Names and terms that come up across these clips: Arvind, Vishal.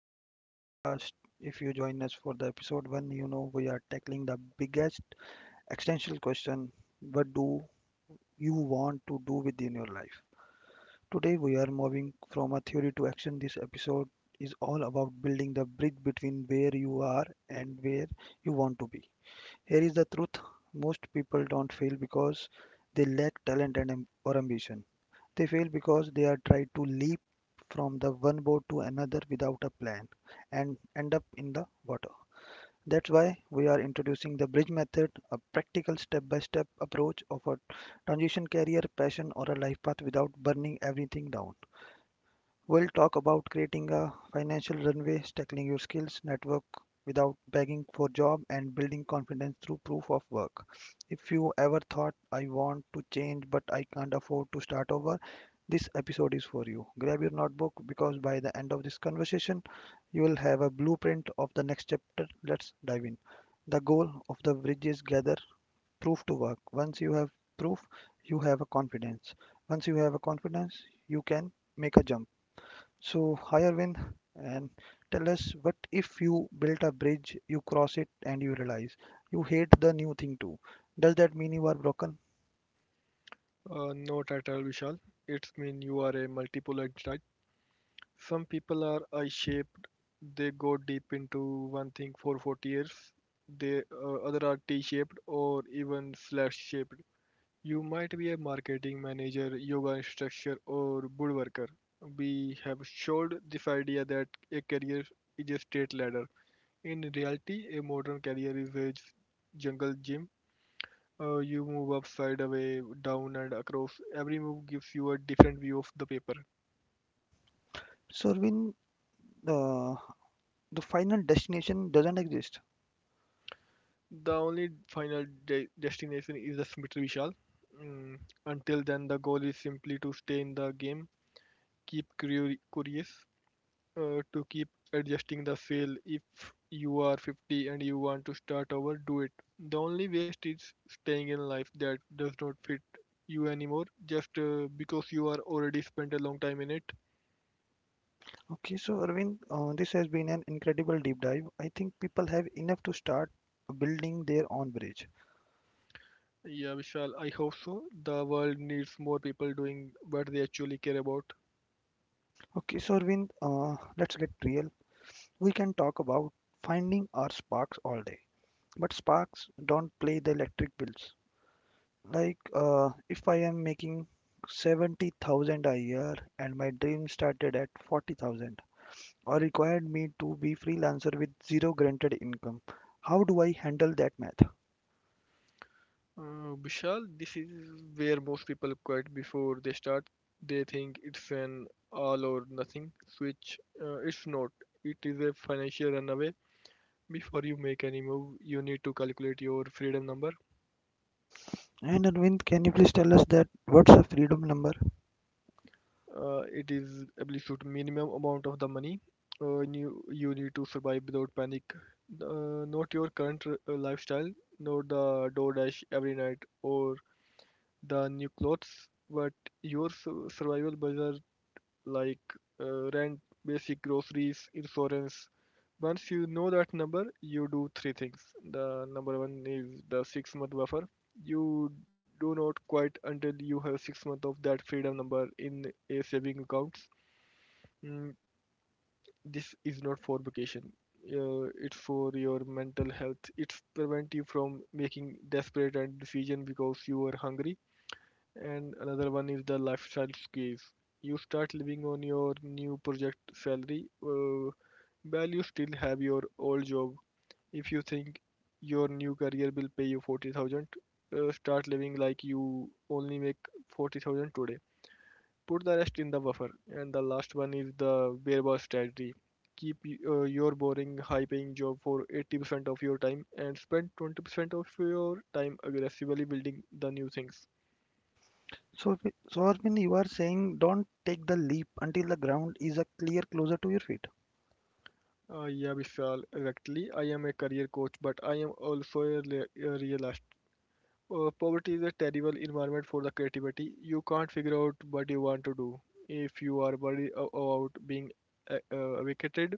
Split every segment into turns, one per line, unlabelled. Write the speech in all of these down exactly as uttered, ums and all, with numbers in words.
back to the podcast. If you join us for the episode one, you know we are tackling the biggest existential question, what do you want to do within your life? Today we are moving from a theory to action. This episode is all about building the bridge between where you are and where you want to be. Here is the truth, most people don't fail because they lack talent and am- or ambition. They fail because they are tried to leap from the one boat to another without a plan and end up in the water. That's why we are introducing the bridge method, a practical step by step approach of a transition career, passion, or a life path without burning everything down. We'll talk about creating a financial runway, tackling your skills network without begging for job and building confidence through proof of work. If you ever thought I want to change but I can't afford to start over, this episode is for you. Grab your notebook because by the end of this conversation, you will have a blueprint of the next chapter. Let's dive in. The goal of the bridge is gather proof to work. Once you have proof, you have a confidence. Once you have a confidence, you can make a jump. So, hi Arvind, and tell us what if you built a bridge, you cross it, and you realize you hate the new thing too. Does that mean you are broken?
Uh, not at all, Vishal. It's mean you are a multipolar type. Some people are I-shaped. They go deep into one thing for forty years. They uh, other are T-shaped or even slash-shaped. You might be a marketing manager, yoga instructor, or woodworker. We have showed this idea that a career is a straight ladder. In reality, a modern career is a jungle gym uh, You move up, side away, down, and across. Every move gives you a different view of the paper.
So, Arvind, uh, the final destination doesn't exist.
The only final de- destination is the cemetery, Vishal. Mm, until then, the goal is simply to stay in the game, keep curio- curious, uh, to keep adjusting the sail. If you are fifty and you want to start over, do it. The only waste is staying in life that does not fit you anymore just uh, because you are already spent a long time in it.
Okay, so Arvind, uh, this has been an incredible deep dive. I think people have enough to start building their own bridge.
Yeah, Vishal, I hope so. The world needs more people doing what they actually care about.
Okay, so Arvind, uh, let's get real. We can talk about finding our sparks all day, but sparks don't play the electric bills. Like, uh, if I am making seventy thousand a year and my dream started at forty thousand or required me to be freelancer with zero granted income, how do I handle that math?
Uh, Vishal, this is where most people quit before they start. They think it's an all or nothing switch. Uh, it's not. It is a financial runaway. Before you make any move, you need to calculate your freedom number.
And Arvind, can you please tell us that what's the freedom number?
Uh, it is absolute minimum amount of the money, uh, you you need to survive without panic, uh, not your current r- uh, lifestyle, nor the DoorDash every night or the new clothes, but your su- survival budget, like, uh, rent, basic groceries, insurance. Once you know that number, you do three things. The number one is the six month buffer. You do not quite until you have six months of that freedom number in a saving account. Mm, this is not for vacation. Uh, it's for your mental health. It's prevent you from making desperate and decision because you are hungry. And another one is the lifestyle squeeze. You start living on your new project salary. Uh, while you still have your old job. If you think your new career will pay you forty thousand, uh, start living like you only make forty thousand today. Put the rest in the buffer. And the last one is the variable strategy. Keep uh, your boring, high paying job for eighty percent of your time and spend twenty percent of your time aggressively building the new things.
So, if- so Arvind, you are saying don't take the leap until the ground is a clear closer to your feet.
Uh, yeah, Vishal, exactly. I am a career coach, but I am also a, a realist. Uh, poverty is a terrible environment for the creativity. You can't figure out what you want to do. If you are worried about being, uh, uh, vacated,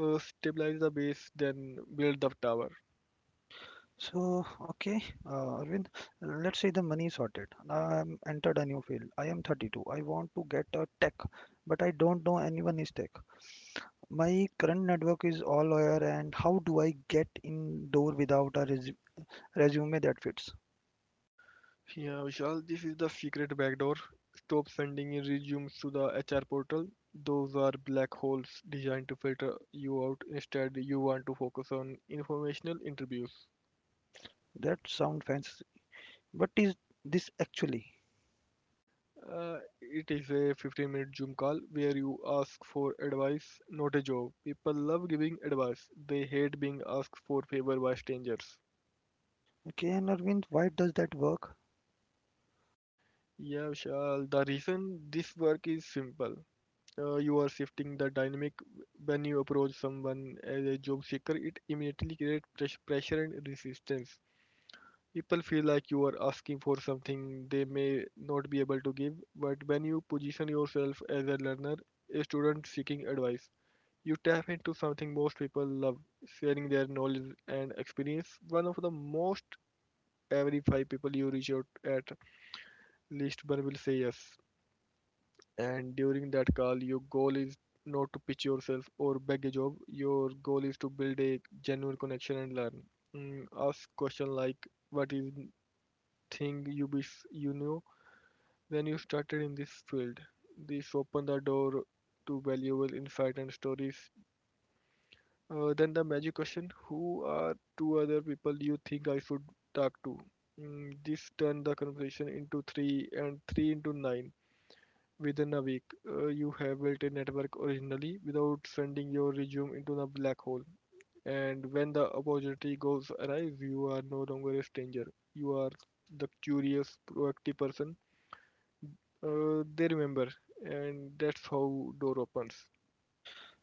uh, stabilize the base, then build the tower.
So, okay, uh, Arvind, uh, let's say the money is sorted. Now I'm entered a new field. I am thirty-two. I want to get a tech, but I don't know anyone is tech. My current network is all lawyer, and how do I get in door without a resu resume that fits?
Yeah, Vishal, this is the secret backdoor. Stop sending in resumes to the H R portal. Those are black holes designed to filter you out. Instead, you want to focus on informational interviews.
That sound fancy. What is this actually?
Uh, it is a fifteen minute Zoom call where you ask for advice, not a job. People love giving advice, they hate being asked for favor by strangers.
Okay, and Arvind, why does that work?
Yeah, Vishal, the reason this work is simple. Uh, you are shifting the dynamic. When you approach someone as a job seeker, it immediately creates pres- pressure and resistance. People feel like you are asking for something they may not be able to give, but when you position yourself as a learner, a student seeking advice, you tap into something most people love: sharing their knowledge and experience. One of the most, every five people you reach out, at least one will say yes. And during that call, your goal is not to pitch yourself or beg a job. Your goal is to build a genuine connection and learn. Mm, ask question like, what is thing you wish you knew when you started in this field? This open the door to valuable insight and stories. Uh, then the magic question: who are two other people you think I should talk to? Mm, this turned the conversation into three, and three into nine. Within a week, uh, you have built a network originally without sending your resume into the black hole. And when the opportunity goes arrive, you are no longer a stranger. You are the curious, proactive person uh, they remember, and that's how door opens.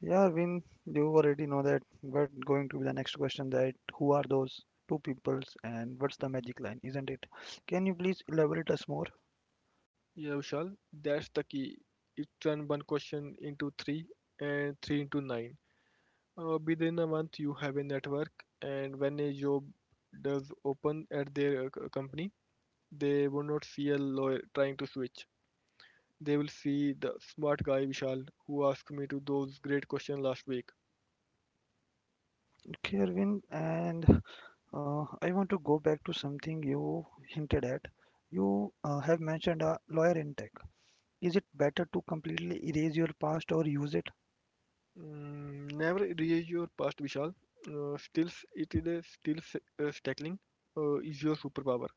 Yeah, Vin, you already know that, but going to be the next question that who are those two peoples and what's the magic line, isn't it? Can you please elaborate us more?
Yeah, Vishal, that's the key. It turn one question into three, and three into nine. Uh, within a month, you have a network, and when a job does open at their uh, company, they would not feel loyal trying to switch. They will see the smart guy Vishal who asked me to those great questions last week.
Okay, Arvind, and uh, I want to go back to something you hinted at. You uh, have mentioned a lawyer in tech. Is it better to completely erase your past or use it?
Mm, never erase your past, Vishal. Uh, still, it is still s- uh, tackling uh, is your superpower.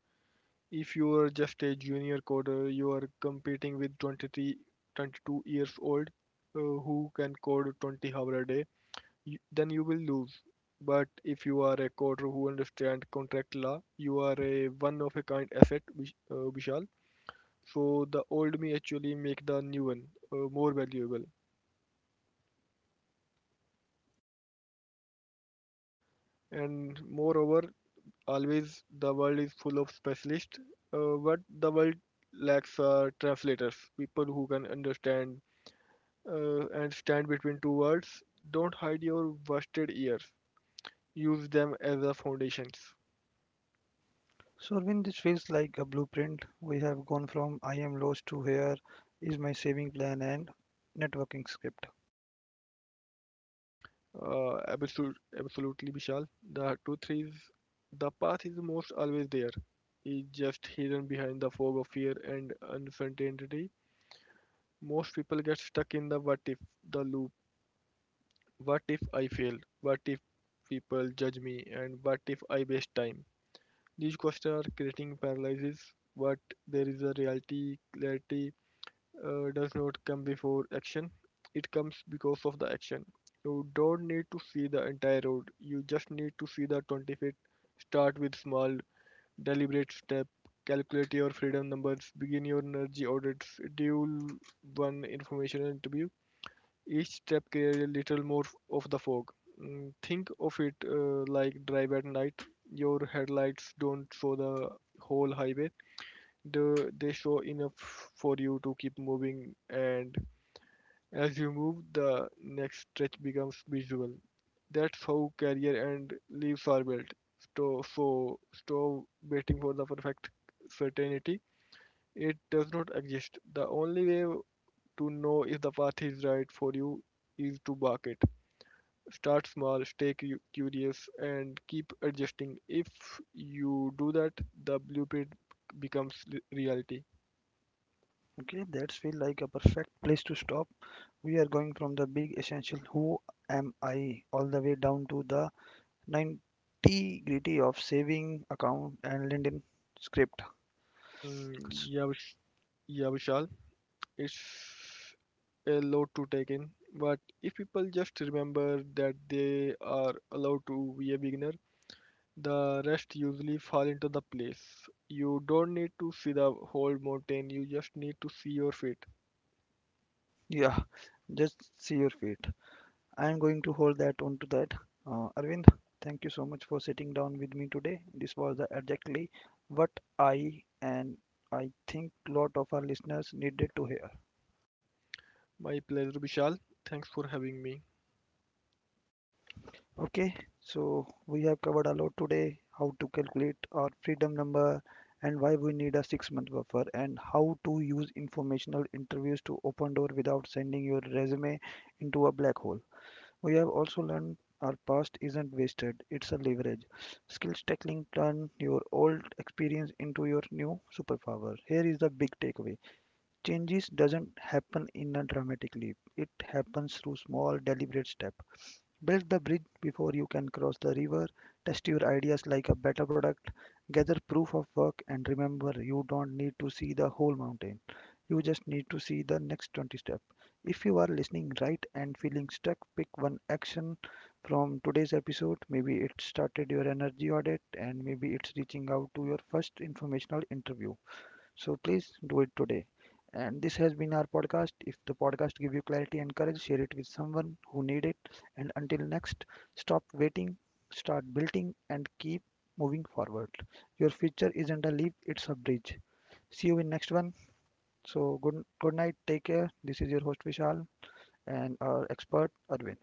If you are just a junior coder, you are competing with twenty-three, twenty-two years old uh, who can code twenty hours a day. Y- then you will lose. But if you are a coder who understand contract law, you are a one of a kind asset, Vish- uh, Vishal. So the old me actually make the new one uh, more valuable. And moreover, always the world is full of specialists, uh, but the world lacks uh, translators, people who can understand uh, and stand between two worlds. Don't hide your busted ears. Use them as a foundations.
So, Arvind, this feels like a blueprint. We have gone from I am lost to here is my saving plan and networking script.
Uh, absolute, absolutely, Vishal. The truth is, the path is most always there. It's just hidden behind the fog of fear and uncertainty. Most people get stuck in the what if, the loop. What if I fail? What if people judge me? And what if I waste time? These questions are creating paralysis, but there is a reality, clarity, uh, does not come before action, it comes because of the action. You don't need to see the entire road, you just need to see the twenty feet. Start with small, deliberate step. Calculate your freedom numbers, begin your energy audits, schedule one informational interview. Each step creates a little more of the fog. Mm, Think of it uh, like drive at night. Your headlights don't show the whole highway. The they show enough for you to keep moving, and as you move, the next stretch becomes visual. That's how career and leaves are built. So, so stop waiting for the perfect certainty. It does not exist. The only way to know if the path is right for you is to bark it. Start small, stay cu- curious, and keep adjusting. If you do that, the blueprint becomes re- reality.
Okay, that's feel like a perfect place to stop. We are going from the big essential who am I all the way down to the ninety gritty of saving account and LinkedIn script.
Mm,
S-
yeah, Vish- yeah, Vishal. It's a lot to take in, but if people just remember that they are allowed to be a beginner, the rest usually fall into the place. You don't need to see the whole mountain, you just need to see your feet.
Yeah, just see your feet. I am going to hold that onto that. Uh, Arvind, thank you so much for sitting down with me today. This was the exactly what I and I think lot of our listeners needed to hear.
My pleasure, Vishal. Thanks for having me.
Okay, so we have covered a lot today, how to calculate our freedom number and why we need a six month buffer and how to use informational interviews to open door without sending your resume into a black hole. We have also learned our past isn't wasted, it's a leverage. Skills tackling turn your old experience into your new superpower. Here is the big takeaway. Changes doesn't happen in a dramatic leap. It happens through small deliberate steps. Build the bridge before you can cross the river. Test your ideas like a beta product. Gather proof of work and remember you don't need to see the whole mountain. You just need to see the next twenty steps. If you are listening right and feeling stuck, pick one action from today's episode. Maybe it started your energy audit and maybe it's reaching out to your first informational interview. So please do it today. And this has been our podcast. If the podcast give you clarity and courage, share it with someone who need it. And until next, stop waiting, start building, and keep moving forward. Your future isn't a leap; it's a bridge. See you in next one. So good, good night. Take care. This is your host Vishal and our expert Arvind.